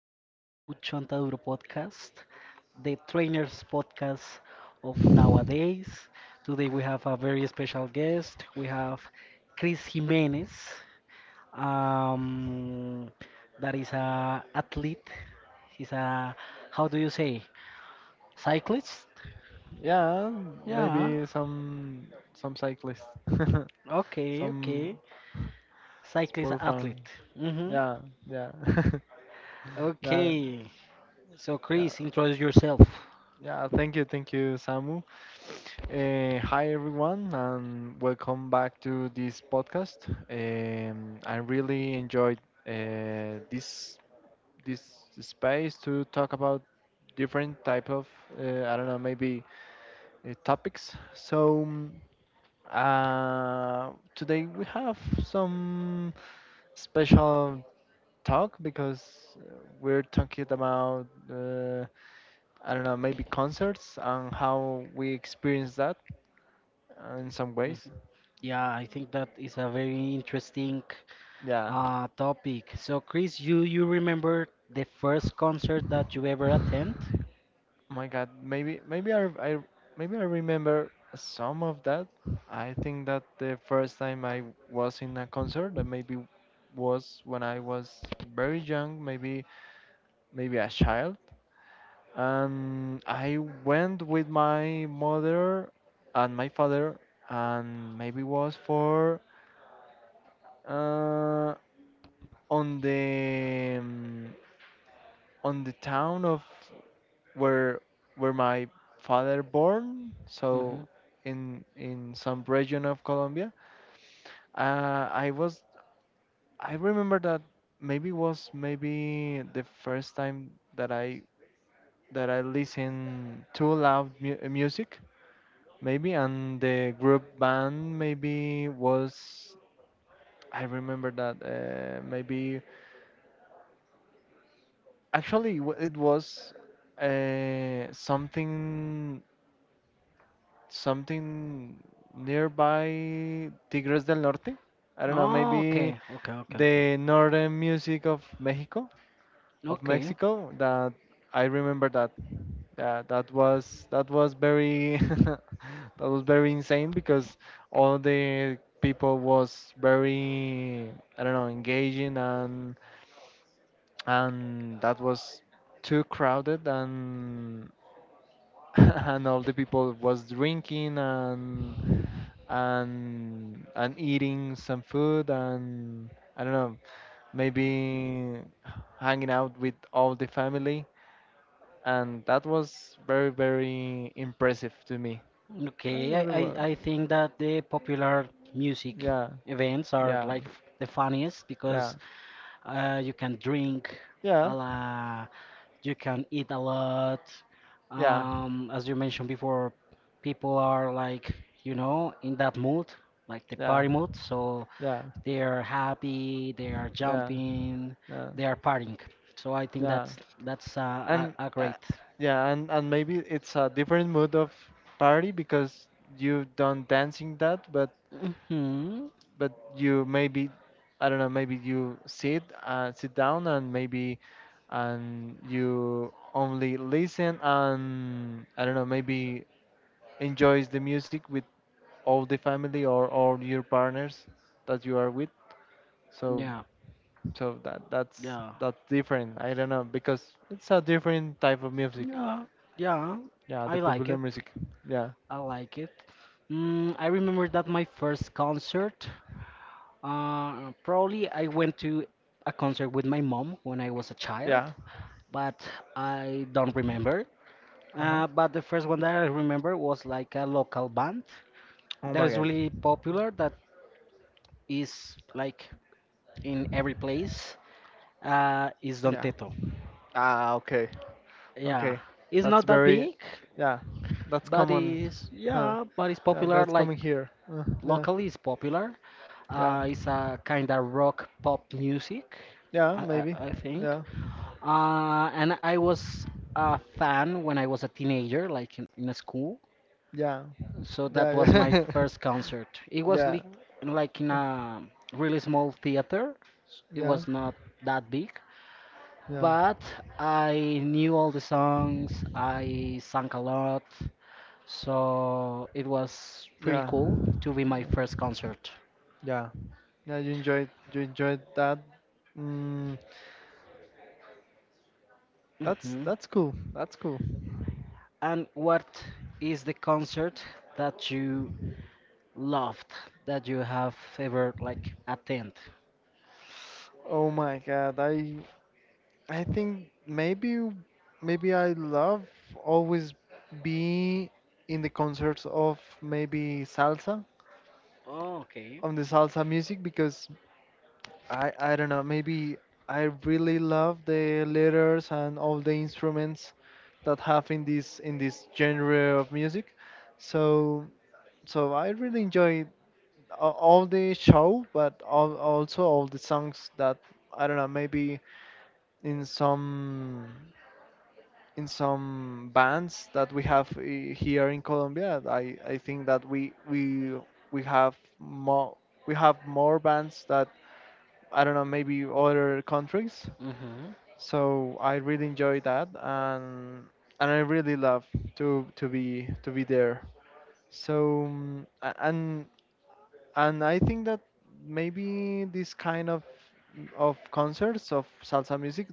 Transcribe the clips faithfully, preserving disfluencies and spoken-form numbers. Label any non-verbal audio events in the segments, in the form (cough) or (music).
back to Chontaduro Podcast, the trainers podcast of nowadays. Today we have a very special guest. We have Chris Jimenez, um, that is a athlete. He's a, how do you say, cyclist? Yeah, Yeah, maybe some some cyclists, (laughs) okay, some okay. Cyclist sport fan. athlete. Mm-hmm. Yeah, yeah, (laughs) yeah, Okay, so yeah, Chris, introduce yourself. yeah. Thank you, thank you, Samu. Uh, hi everyone, and welcome back to this podcast. Um, I really enjoyed uh, this this space to talk about different type of uh, I don't know, maybe uh, topics. So. Mm, Uh, today we have some special talk because uh, we're talking about uh, I don't know, maybe concerts and how we experience that uh, in some ways. Mhm. Yeah, I think that is a very interesting Yeah. uh, topic. So, Chris, you you remember the first concert that you ever attend? My God, maybe maybe I, I maybe I remember some of that. I think that the first time I was in a concert, that maybe was when I was very young, maybe maybe a child. And I went with my mother and my father, and maybe was for uh, on the um, on the town of where where my father born. Hmm. So in in some region of Colombia, uh, I was I remember that maybe was maybe the first time that I that I listen to loud mu music. Maybe, and the group band maybe was, I remember that uh, maybe actually w- it was uh, something something nearby Tigres del Norte. I don't know, Oh, maybe okay, okay, okay, okay, the northern music of Mexico. of okay, Mexico that I remember that, yeah, that was that was very, (laughs) that was very insane because all the people was very, I don't know, engaging, and and that was too crowded, and (laughs) and all the people was drinking, and and and eating some food, and I don't know, maybe hanging out with all the family, and that was very very impressive to me. I okay. don't I, know I what- I think that the popular music Yeah, events are yeah, like the funniest. yeah, Because, uh, you can drink a yeah, lot. You can eat a lot. yeah, Um, as you mentioned before, people are like, you know, in that mood, like the yeah, party mood. So yeah, they are happy, they are yeah, jumping, yeah, they are partying. So I think yeah, that's that's uh, and a, a uh, great. yeah, and and maybe it's a different mood of party because you don't dancing that, but Hmm. but you maybe, I don't know, maybe you sit uh, sit down, and maybe and you only listen, and I don't know, maybe enjoys the music with of the family or or your partners that you are with. So Yeah, so that that's yeah, that's different. I don't know, because it's a different type of music. yeah, yeah. Yeah, the I like popular it. music. Yeah, I like it. Mm, I remember that my first concert. Uh, probably I went to a concert with my mom when I was a child, yeah. but I don't remember. Uh huh. Uh, but the first one that I remember was like a local band Oh that my is god. really popular, that is like in every place, uh, is Don Yeah. Teto. Ah, okay, Yeah, okay. it's That's not that very, big, yeah. That's but common. it's, Huh. yeah, but it's Yeah, popular, that's like coming here. Uh, yeah, locally it's popular. yeah, Uh, it's a kind of rock pop music, yeah. I, Maybe. I, I think. Yeah, Uh, and I was a fan when I was a teenager, like in, in school. yeah, So that was my yeah, first (laughs) concert. It was yeah, li like in yeah, uh, a really small theater. It yeah, was not that big, but I knew all the songs. I sang a lot. So it was pretty yeah, cool to be my first yeah, concert. yeah. Yeah, you enjoyed you enjoyed that. Mm, that's Hmm. that's cool. That's cool. And what is the concert that you loved that you have ever like attend? Oh my God, I I think maybe maybe I love always be in the concerts of maybe salsa, Oh, okay. on the salsa music, because I I don't know, maybe I really love the letters and all the instruments that have in this in this genre of music. So so I really enjoy a- all the show, but all, also all the songs that I don't know. Maybe in some in some bands that we have, i- here in Colombia, I, I think that we we we have more we have more bands that, I don't know, maybe other countries. Mhm. So I really enjoy that, and and I really love to to be to be there. So, mm, a- and and I think that maybe this kind of of concerts of salsa music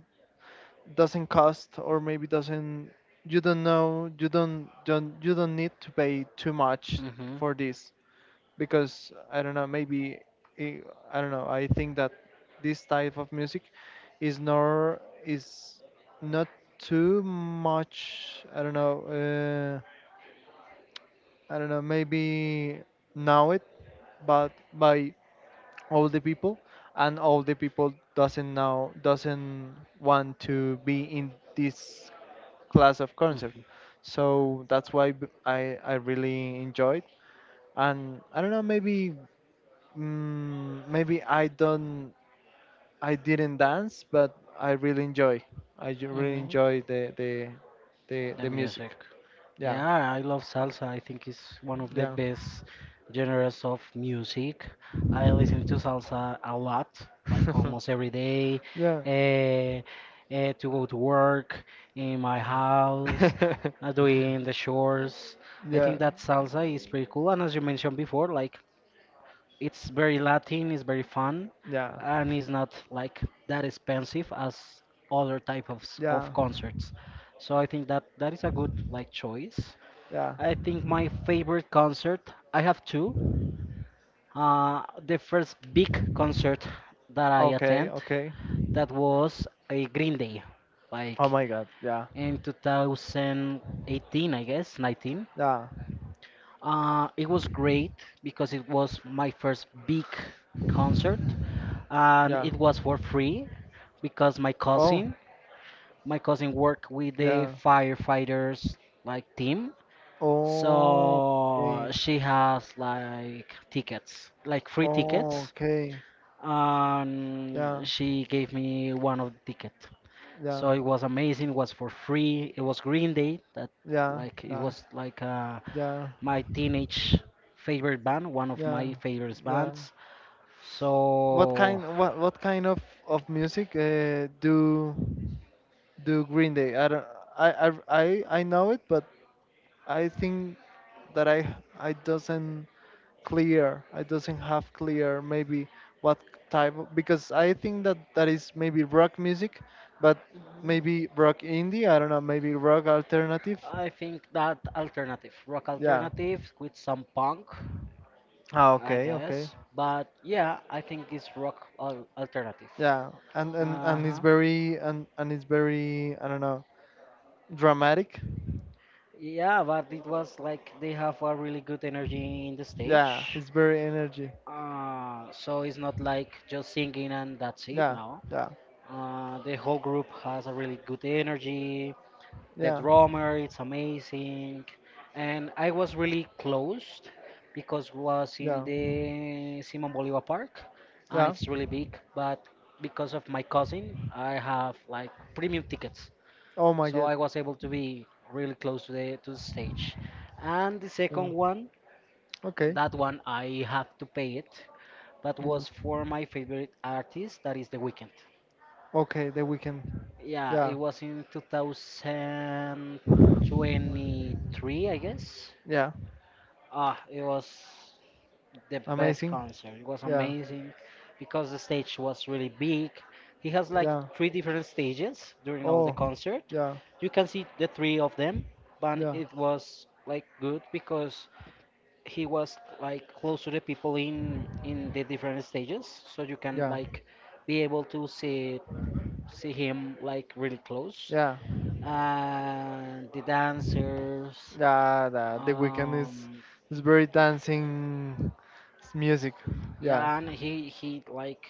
doesn't cost, or maybe doesn't you don't know, you don't don't you don't need to pay too much Mhm. for this, because I don't know, maybe i I don't know, I think that this type of music is nor is not too much, I don't know, uh, I don't know, maybe know it but by all the people, and all the people doesn't now doesn't want to be in this class of concert. Mhm. So that's why b- i i really enjoyed, and I don't know, maybe, mm, maybe I don't, I didn't dance, but I really enjoy, I ju- really Mhm. enjoy the the the, The the music. music. Yeah, Yeah, I love salsa. I think it's one of the yeah, best genres of music. I listen to salsa a lot, like (laughs) almost every day, yeah, eh, eh, to go to work, in my house, uh, (laughs) doing the chores. I yeah, think that salsa is pretty cool. And as you mentioned before, like it's very Latin, it's very fun, yeah, and it's not like that expensive as other type of s- yeah, of concerts. So I think that that is a good like choice. yeah, I think my favorite concert, I have two. Uh, the first big concert that I okay, attend, okay. that was a Green Day, Oh like my god, yeah, in two thousand eighteen, I guess, nineteen. yeah, Uh, it was great because it was my first big concert, and yeah. it was for free because my Oh, cousin, my cousin worked with the yeah. firefighters like team. Oh, So okay. she has like tickets, like free Oh, tickets, okay. Yeah, and she gave me one of the ticket. yeah, So it was amazing. It was for free. It was Green Day. That yeah, like it yeah, was like uh, yeah, my teenage favorite band, one of yeah, my favorite yeah. bands. What So kind, what, what kind of of music uh, do do Green Day? I don't, I, I, I, I know it, but I think that I, I doesn't clear, I doesn't have clear, maybe what type of, because I think that that is maybe rock music, but maybe rock indie, I don't know, maybe rock alternative. I think that alternative, rock Yeah, alternative with some punk, ah, I okay, okay. guess. But yeah, I think it's rock al- alternative. Yeah, and and Uh and it's huh. very and and it's very, I don't know, dramatic. Yeah, but it was like they have a really good energy in the Yeah, stage. it's very energy. Uh, so it's not like just singing and that's it. Yeah, No, yeah, uh, the whole group has a really good energy. The yeah, drummer, it's amazing, and I was really close because was in yeah, the Simon Bolivar Park, and yeah, it's really big. But because of my cousin, I have like premium tickets, oh my so god, I was able to be really close to the to the stage. And the second yeah, one, okay, that one I have to pay it, but was yeah, for my favorite artist, that is The Weeknd. okay, the weekend, Yeah, it yeah, was in two thousand twenty-three, I guess. yeah, Ah, it was the best amazing, concert. It was yeah, amazing because the stage was really big. He has like yeah. three different stages during all the Oh, concert. yeah, You can see the three of them, but yeah, it was like good because he was like close to the people in in the different stages, so you can yeah, like be able to see see him like really close. yeah, And the dancers, yeah. The, the weekend is um, is very dancing s- music. Yeah. yeah, and he he like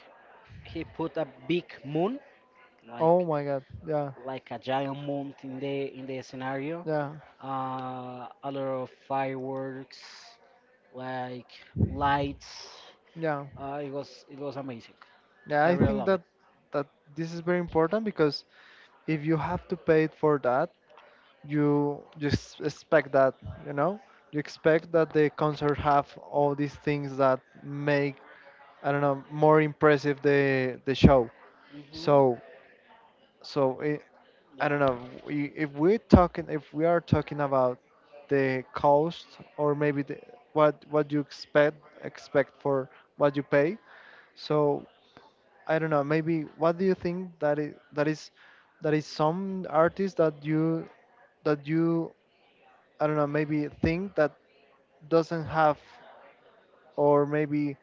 he put a big moon Oh like my God. Yeah, like a giant moon in the in the scenario, yeah, uh, a lot of fireworks like lights. yeah, uh, It was it was amazing. yeah. I I really think love it. that that this is very important, because if you have to pay it for that, you just expect that, you know, you expect that the concert have all these things that make, I don't know, more impressive the the show. Hmm. So so i- Yeah, I don't know. we- If we're talking, if we are talking about the cost or maybe the, what what you expect expect for what you pay, so I don't know. Maybe what do you think that is that is that is some artist that you that you, I don't know, maybe think that doesn't have or maybe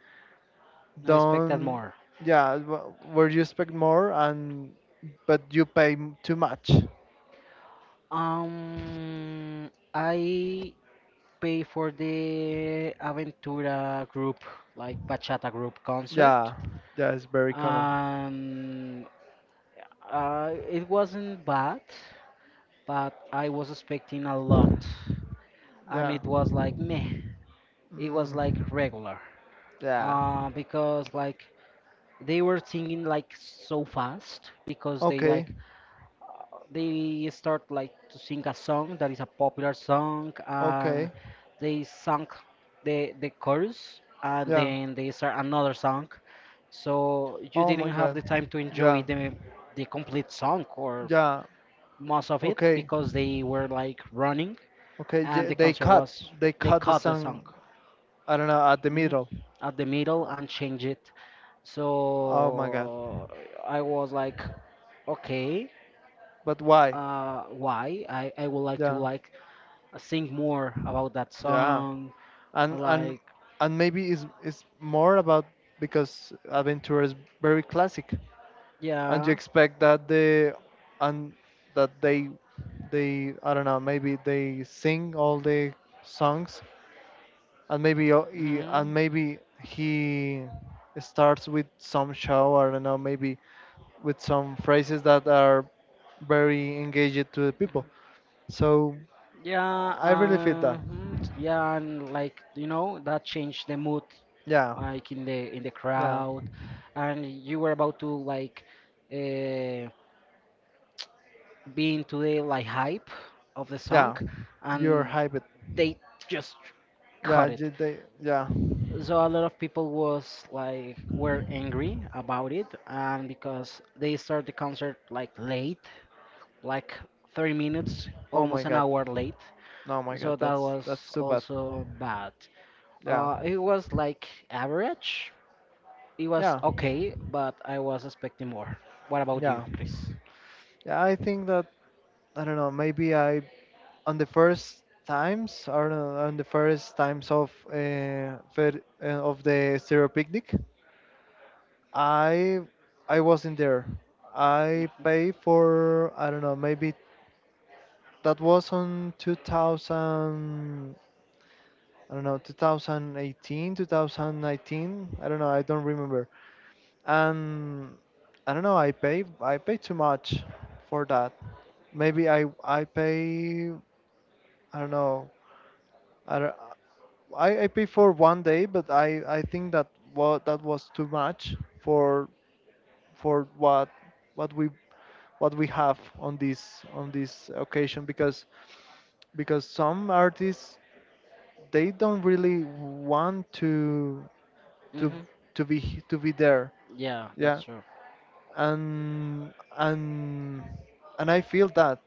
I expected don't, more. yeah, wh- where you expect more, and but you pay m- too much. um I pay for the aventura group like bachata group concert, Yeah, yeah, it's very common. and uh, it wasn't bad, but I was expecting a lot, and Yeah. it was like meh. It was like Mm, regular, yeah. uh, because like they were singing like so fast because they Okay. like they start like to sing a song that is a popular song and Okay. they sung the the chorus and Yeah. then they start another song, so you Oh my didn't have God. the time to enjoy Yeah. the the complete song or Yeah. most of it Okay. because they were like running Okay. and Yeah, the they concert cut. was They they cut the cut the song, song. I don't know, at the mhm, middle. at the middle and change it. Oh my God. So I was like, okay, But why? uh, why? I, I would like to Yeah. like sing more about that Yeah. song. And and Like, and maybe it's it's more about because Aventura is very classic, and you yeah, expect that the and that they they I don't know, maybe they sing all the songs, and maybe uh, he, mhm, and maybe he starts with some show, I don't know, maybe with some phrases that are very engaged to the people, so yeah, I really feel uh, that. mhm, yeah, and like you know that changed the mood Yeah, like in the in the yeah, crowd, and you were about to like. Uh, be into the like hype of the song yeah, you're and hyped, they just yeah, cut it. you- they, yeah, So a lot of people was like were angry about it and because they start the concert like late, like thirty minutes oh my almost an god, hour late. oh my god, So that that's was that's too bad. also bad. Yeah, uh, It was like average. It was yeah, okay but I was expecting more. What about you, yeah, Chris? yeah, I think that, I don't know, maybe I, on the first times or no, on the first times of uh, fer- uh, of the stereo picnic, i I wasn't there. I paid for, I don't know, maybe that was on two thousand, I don't know, twenty eighteen, two thousand nineteen, I don't know, I don't remember. And I don't know, i pay I pay too much for that. Maybe i I pay, I don't know, I, don't- I I paid for one day, but I I think that what that was too much for for what what we what we have on this on this occasion, because because some artists, they don't really want to to Hmm. to be h- to be there. Yeah, that's Yeah. true. And and and I feel that,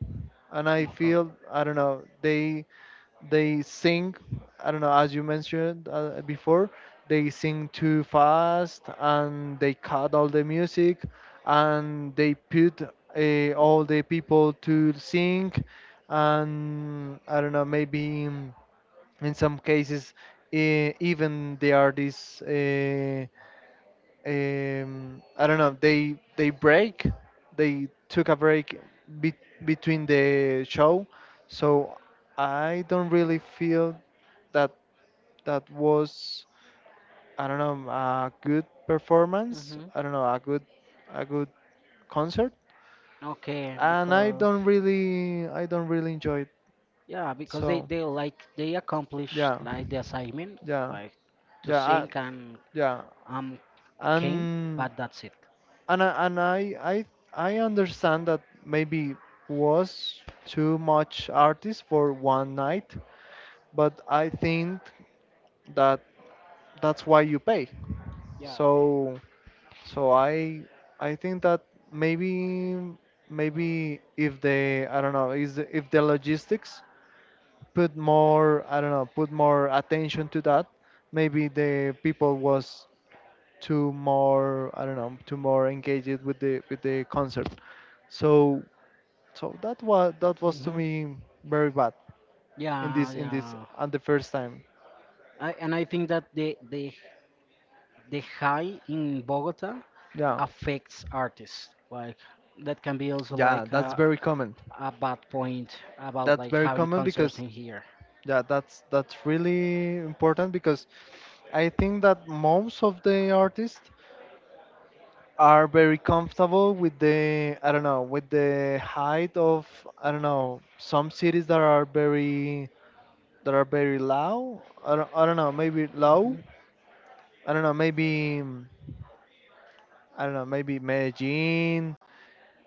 and I Okay. feel, I don't know, they they sing, I don't know, as you mentioned uh, before, they sing too fast and they cut all the music, and they put uh, all the people to sing. And I don't know, maybe in in some cases, uh, even the artists, uh, um, I don't know, They they break. They took a break, be- between the show. So I don't really feel that that was, I don't know, a good performance, Mhm. I don't know, a good a good concert, Okay, and I because don't really I don't really enjoy it. yeah, because they So they like they accomplish yeah, like the assignment, yeah, like to yeah, I, sing and yeah, um came, and but that's it. and I, and I I I understand that maybe was too much artists for one night, but I think that that's why you pay. Yeah. So so I I think that maybe maybe if they, I don't know, is if the logistics put more, I don't know, put more attention to that, maybe the people was too more, I don't know, too more engaged with the with the concert. So So that was that was to Hmm. me very bad in Yeah, this in this yeah. and the first time. I, and I think that the the the high in Bogota Yeah, affects artists. Like that can be also yeah, like that's a very common. a bad point about That's like very having common concerts because, in here. yeah, that's that's really important, because I think that most of the artists are very comfortable with the, I don't know, with the height of, I don't know, some cities that are very, that are very low. I don't, I don't know, maybe low. Hmm. I don't know maybe mm, I don't know maybe Medellin,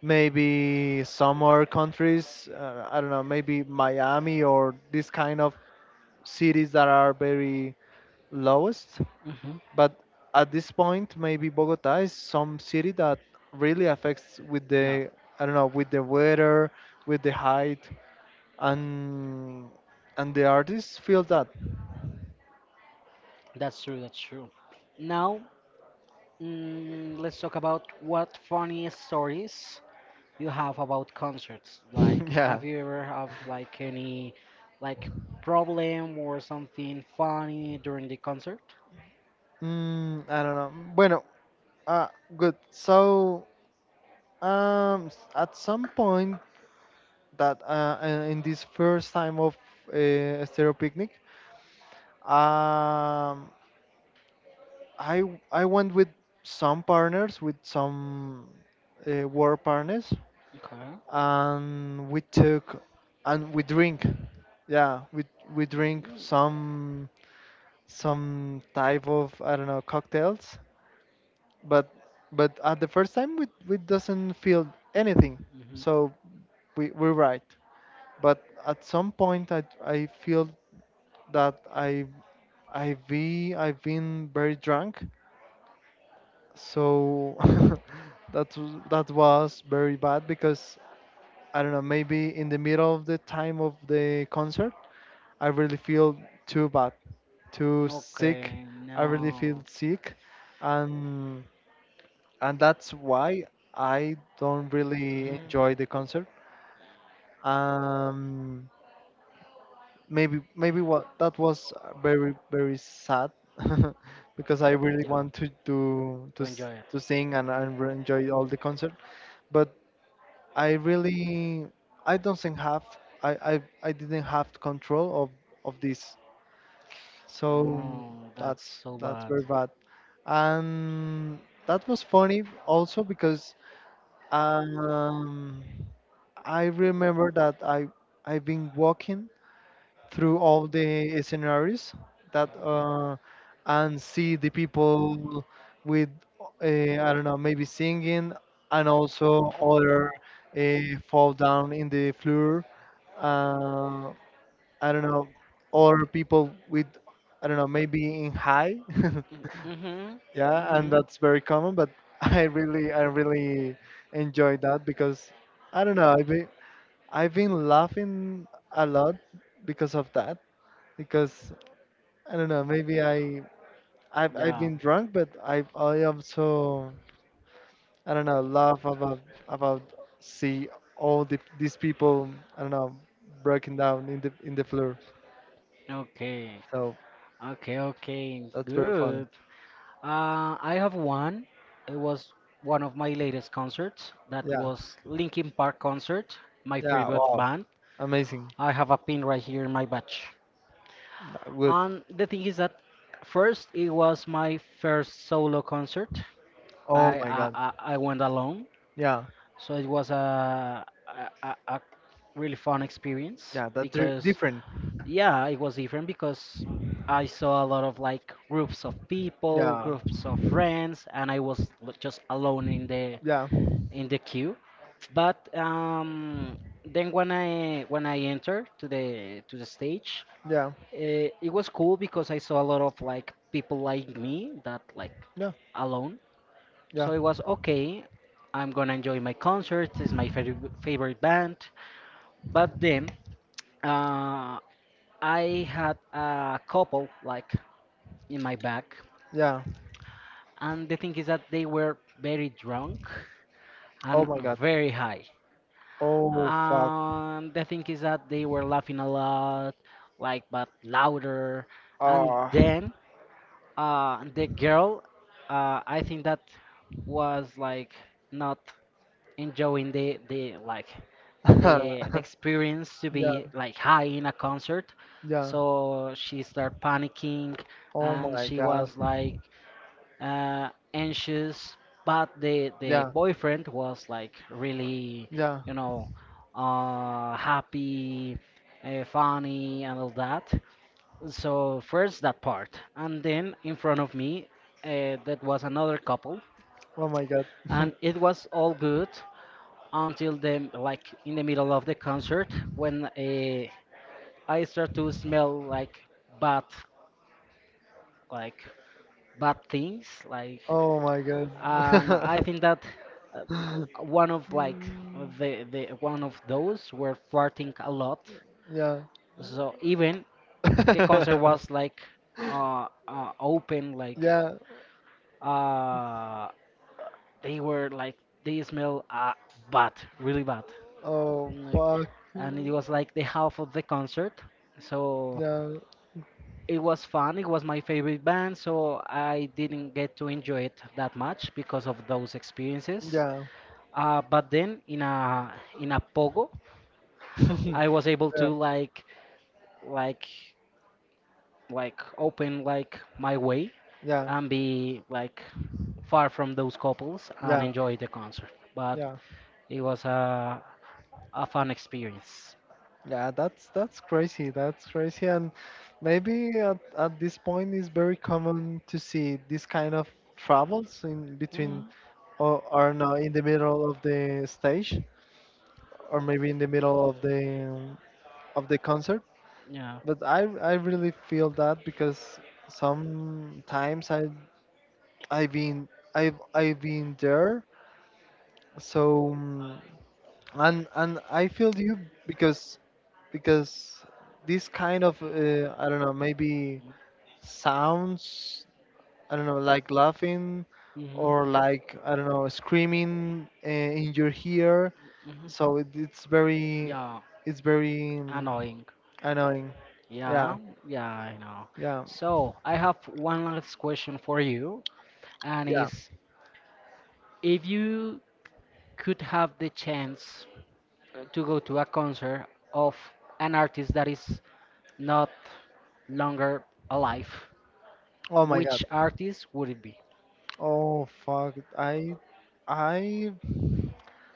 maybe some other countries, uh, I don't know maybe Miami, or this kind of cities that are very lowest. Hmm. But at this point maybe Bogota is some city that really affects with Yeah, the, I don't know, with the weather, with the height, and and the artists feel that. that's true. That's true. Now mm, let's talk about what funny stories you have about concerts. Like, (laughs) Yeah. have you ever have like any like problem or something funny during the concert? mm, I don't know, bueno, uh, good, so um s- at some point that uh, uh, in this first time of uh, Stereo Picnic, um, I I went with some partners, with some uh, work partners, Okay. and we took and we drink, yeah, we we drink some some type of, I don't know, cocktails. But but at the first time we we doesn't feel anything, Mm-hmm. so we we're right. But at some point I I feel that I I be I've been very drunk, so (laughs) that w- that was very bad because I don't know maybe in the middle of the time of the concert I really feel too bad, too sick. Okay. I really feel No. sick, and and that's why I don't really enjoy Hmm. the concert. Um, Maybe maybe what that was uh, very very sad (laughs) because I really Yeah. want to to To to, s- enjoy it. to sing and, and re- enjoy all the concert. But I really, I don't think have, I, I I didn't have control of of this. So Oh, that's that's so that's bad. very bad, and that was funny also because um I remember that I I've been walking through all the scenarios that uh, and see the people with, uh, I don't know maybe singing, and also other, uh, fall down in the floor. Uh, I don't know, or people with, I don't know, maybe in high. (laughs) Mm-hmm. Yeah, and Mm-hmm. that's very common. But (laughs) I really, I really enjoy that because I don't know, I've been, I've been laughing a lot because of that, because I don't know. Maybe I I've, I've Yeah. been drunk, but I I also, I don't know, laugh about about see all the, these people, I don't know, broken down in the in the floor. Okay. So Okay. Okay. that's very funny. Good. Uh, I have one. It was one of my latest concerts. That Yeah, was Linkin Park concert, my yeah. favorite Wow, band. amazing. I have a pin right here in my badge. Uh, Good. And the thing is that first it was my first solo concert. Oh I my I, God. I I went alone, Yeah, so it was a, a a a really fun experience yeah. That's di- because different. yeah, it was different because I saw a lot of like groups of people, Yeah, groups of friends, and I was l- just alone in the yeah, in the queue. But um, then when I when I entered to the to the stage, yeah, uh, it was cool because I saw a lot of like people like me that like yeah, alone. So yeah, it was okay. I'm gonna enjoy my concert. It's my favorite favorite band. But then uh, I had a couple like in my back, yeah. and the thing is that they were very drunk Oh and my God. very high. Oh fuck. Um, the thing is that they were laughing a lot, like but louder. And Ah. then uh, the girl, uh, I think that was like not enjoying the the like (laughs) the the experience to Yeah, be like high in a concert. yeah. So she started panicking, Oh and my she God. was like uh, anxious, but the the Yeah, boyfriend was like really, yeah. you know, uh, happy, uh, funny, and all that. So first that part, and then in front of me, uh, that was another couple, Oh my god. (laughs) and it was all good until the like in the middle of the concert when uh, I start to smell like bad like bad things like, Oh my god. and I (laughs) think that uh, one of like the the one of those were farting a lot. Yeah. So even the concert (laughs) was like uh, uh open like Yeah. uh they were like they smell uh bad really bad Oh like, fuck. and it was like the half of the concert. So Yeah. it was fun, it was my favorite band, so I didn't get to enjoy it that much because of those experiences. Yeah. Uh, but then in a in a pogo, (laughs) Yeah. I was able Yeah. to like like like open like my way Yeah. and be like far from those couples and enjoy the concert. But Yeah. it was a a fun experience. Yeah. That's that's crazy. That's crazy. And maybe at, at this point it's very common to see this kind of travels in between, Mm, or or not in the middle of the stage, or maybe in the middle of the um, of the concert. yeah. But I I really feel that because sometimes I I've been, I've I've been there. So mm, and and I feel you because because this kind of, uh, I don't know maybe sounds, I don't know, like laughing, Mhm. or like, I don't know, screaming uh, in your ear. Mhm. So it, it's very, Yeah. it's very mm, Annoying. annoying. Yeah, Yeah. Yeah. I know. yeah, So I have one last question for you, and yeah. is if you could have the chance to go to a concert of an artist that is not longer alive, Oh my God. which artist would it be? Oh fuck. I I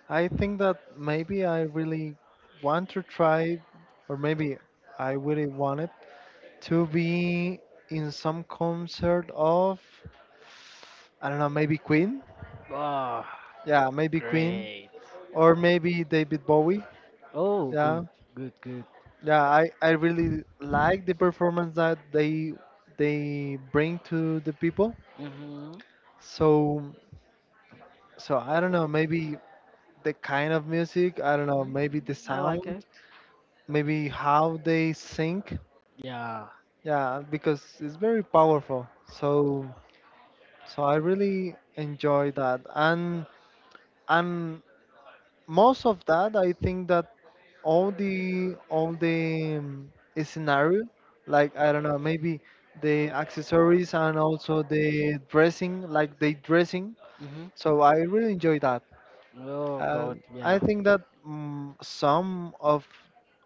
I think that maybe I really want to try, or maybe I really wanted to be in some concert of, I don't know, maybe Queen. Oh, Yeah, maybe Queen, great. or maybe David Bowie. Oh, good, Yeah. good, good. Yeah, I I really like the performance that they they bring to the people. Mm-hmm. So so I don't know, maybe the kind of music. I don't know, maybe the I like sound, it. maybe how they sing. Yeah. Yeah, because it's very powerful. So so I really enjoy that. And and most of that, I think that all the all the, um, scenario, like I don't know, maybe the accessories, and also the dressing, like the dressing. Mm-hmm. So I really enjoy that. Oh Uh, God, I yeah. think that mm some of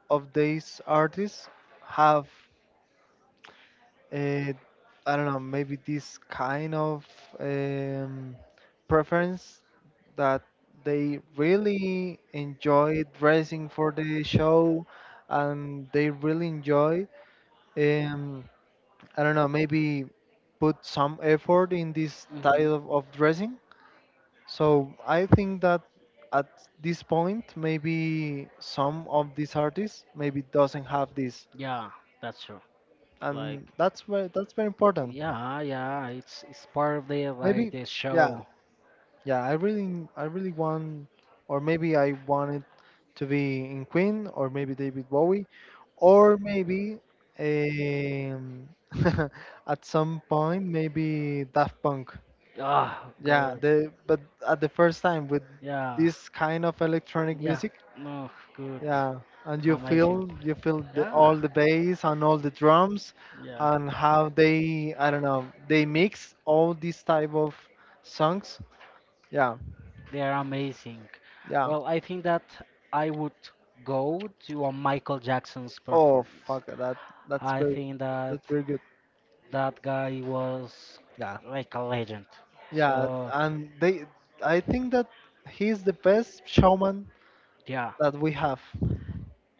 of these artists have, I I don't know maybe this kind of um, preference that they really enjoy dressing for the show, and they really enjoy, um, I don't know maybe put some effort in this Mm-hmm. style of, of dressing. So I think that at this point, maybe some of these artists maybe doesn't have this, Yeah, that's true. Like, and that's very, that's very important. yeah, yeah. It's it's part of the like Maybe, the yeah, show. yeah. I really, I really want, or maybe I wanted to be in Queen, or maybe David Bowie, or maybe, um, (laughs) at some point maybe Daft Punk. Ah, Yeah, good. the but at the first time with Yeah, this kind of electronic yeah. music. No, good. Yeah, and you Amazing. feel, you feel the, all Yeah. the bass and all the drums, Yeah, and how they, I don't know, they mix all these type of songs. Yeah, they are amazing. yeah. Well, I think that I would go to a Michael Jackson's Oh performance. fuck, that that's I very, think that that's very good. that guy was Yeah, like a legend. yeah. So, And they, I think that he's the best showman yeah, that we have.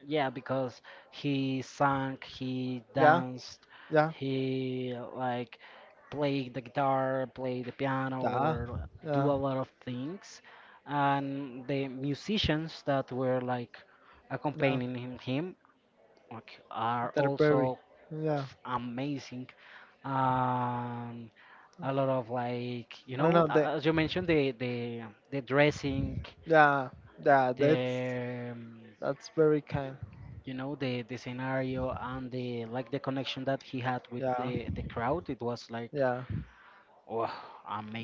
yeah, because he sang, he Yeah, danced, yeah, he like played the guitar, played the piano, yeah, or do yeah, a lot of things. And the musicians that were like yeah. accompanying him Denmark are They're very, also yeah. pff, amazing. Um, a lot of like you I don't know, know. a- They as you mentioned, the the the dressing, yeah, yeah. That's the um, that's very kind. you know the the scenario and the like the connection that he had with Yeah. the the crowd. It was like Yeah, wow,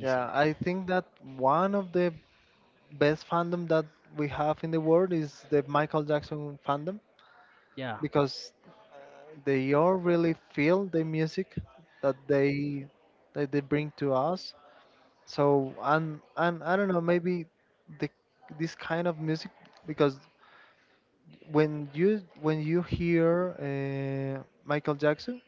yeah. I think that one of the best fandom that we have in the world is the Michael Jackson fandom, Yeah. because uh, they all really feel the music that they, that they bring to us. So, and and I don't know, maybe the, this kind of music, because when you when you hear, uh, Michael Jackson,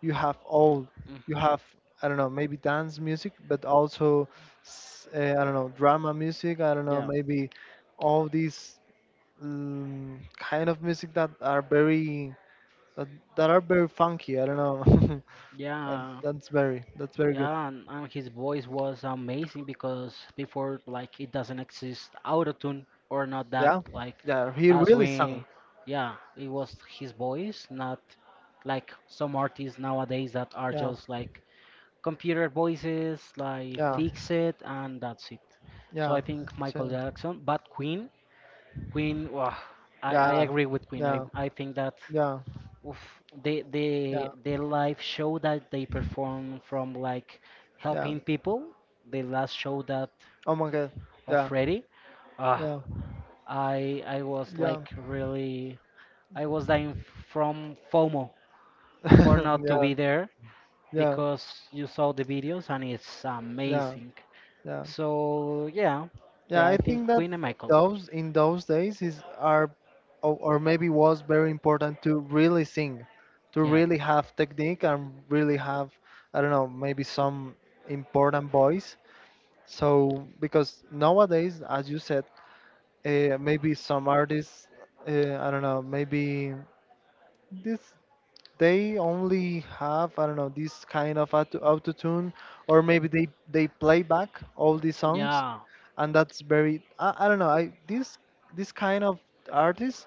you have all, you Hmm. have, I don't know, maybe dance music, but also, s- uh, I don't know, drama music, I don't know, Yeah. maybe all these, um, kind of music that are very, that, that are very funky, I don't know. (laughs) That, Yeah. that's very, that's very good. Yeah, and, and his voice was amazing because before, like, it doesn't exist autotune or not that, Yeah, like, yeah, he as really sang. we, yeah, it was his voice, not like some artists nowadays that are Yeah, just like computer voices, like, yeah, fix it and that's it. So I yeah, think Michael so, Jackson, but Queen, Queen, wow, I, I yeah, agree with Queen. I, yeah, I think that yeah, oof, they they yeah, their live show that they perform from like yeah. helping people. The last show that Oh my god. of Yeah, Freddy, uh, yeah, I I was yeah. like really I was dying from FOMO for (laughs) not to Yeah, be there yeah, because you saw the videos and it's yeah, amazing. yeah. So yeah, Yeah, yeah, I I think think that Queen and in Michael. those, in those days is are, or, or maybe was very important to really sing, to Yeah, really have technique, and really have, I don't know, maybe some important voice. So because nowadays, as you said, uh, maybe some artists, uh, I don't know, maybe this they only have, I don't know, this kind of auto auto tune or maybe they they play back all these songs, yeah, and that's very, I, I don't know, I this this kind of artists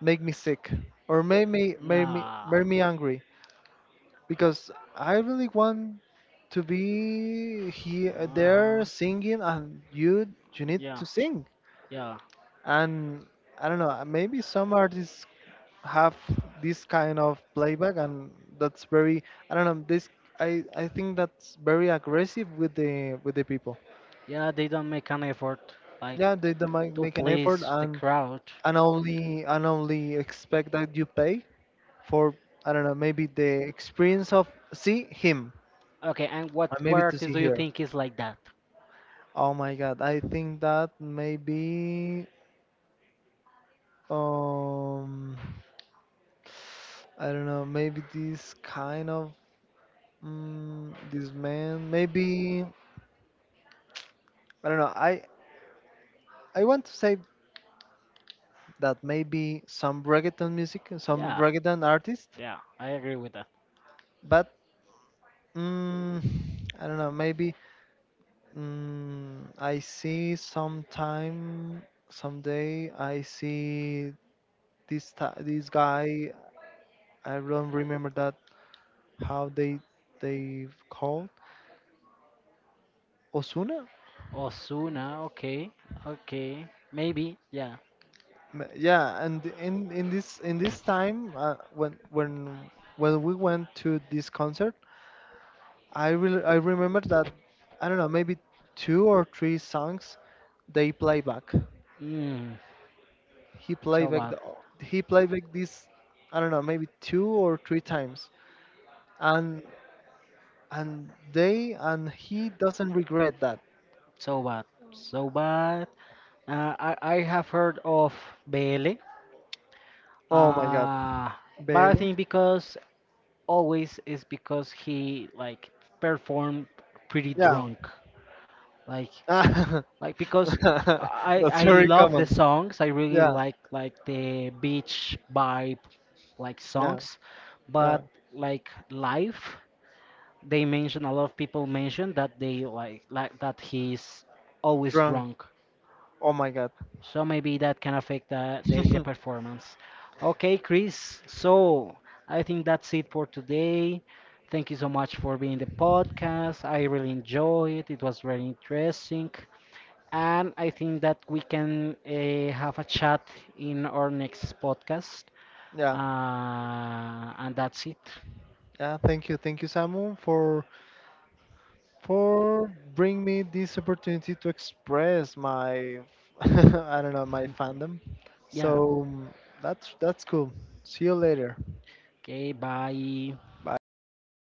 make me sick, or make me make me yeah, make me angry, because I really want to be here there uh-huh, singing, and you you need yeah, to sing, yeah, and I don't know, uh, maybe some artists have this kind of playback, and that's very, I don't know this, I I think that's very aggressive with the, with the people. yeah. They don't make an effort. Like Yeah, they don't make, to make an effort, please the and crowd. and only and only expect that you pay for, I don't know, maybe the experience of see him, Okay, and what and what maybe to artist see do you here. think is like that? Oh my God, I think that maybe, um I don't know maybe this kind of, mm this man maybe, I don't know I I want to say that maybe some reggaeton music, some Yeah, reggaeton artist. yeah, I agree with that. But mm, I don't know maybe, Mm, I see sometime, someday I see this, ti this guy. I don't remember that how they they called. Osuna. Osuna, okay, okay, maybe, yeah. M- Yeah, and in in this, in this time, uh, when when when we went to this concert, I really, I remember that, I don't know, maybe two or three songs they play back. Mm, He played so back bad, the, he played back this, I don't know, maybe two or three times, and and they and he doesn't regret that. so bad, so bad. Uh, I I have heard of Bele, Oh my God, uh, but I Bailey. think because always is because he like performed pretty Yeah, drunk. Like (laughs) that's like because I I very love the common. songs. I really Yeah, like like the beach vibe like yeah, songs, yeah. but like live, they mention a lot of people mention that they like like that he's always Drunk. drunk. Oh my God. So maybe that can affect the the, the (laughs) performance. Okay, Chris. So I think that's it for today. Thank you so much for being the podcast. I really enjoyed it. It was very interesting. And I think that we can uh, have a chat in our next podcast. Yeah, Uh, and that's it. yeah. Thank you, thank you, Samu, for for bring me this opportunity to express my (laughs) I don't know, my fandom. Yeah. So, mm, that's that's cool. See you later. Okay, bye. Bye.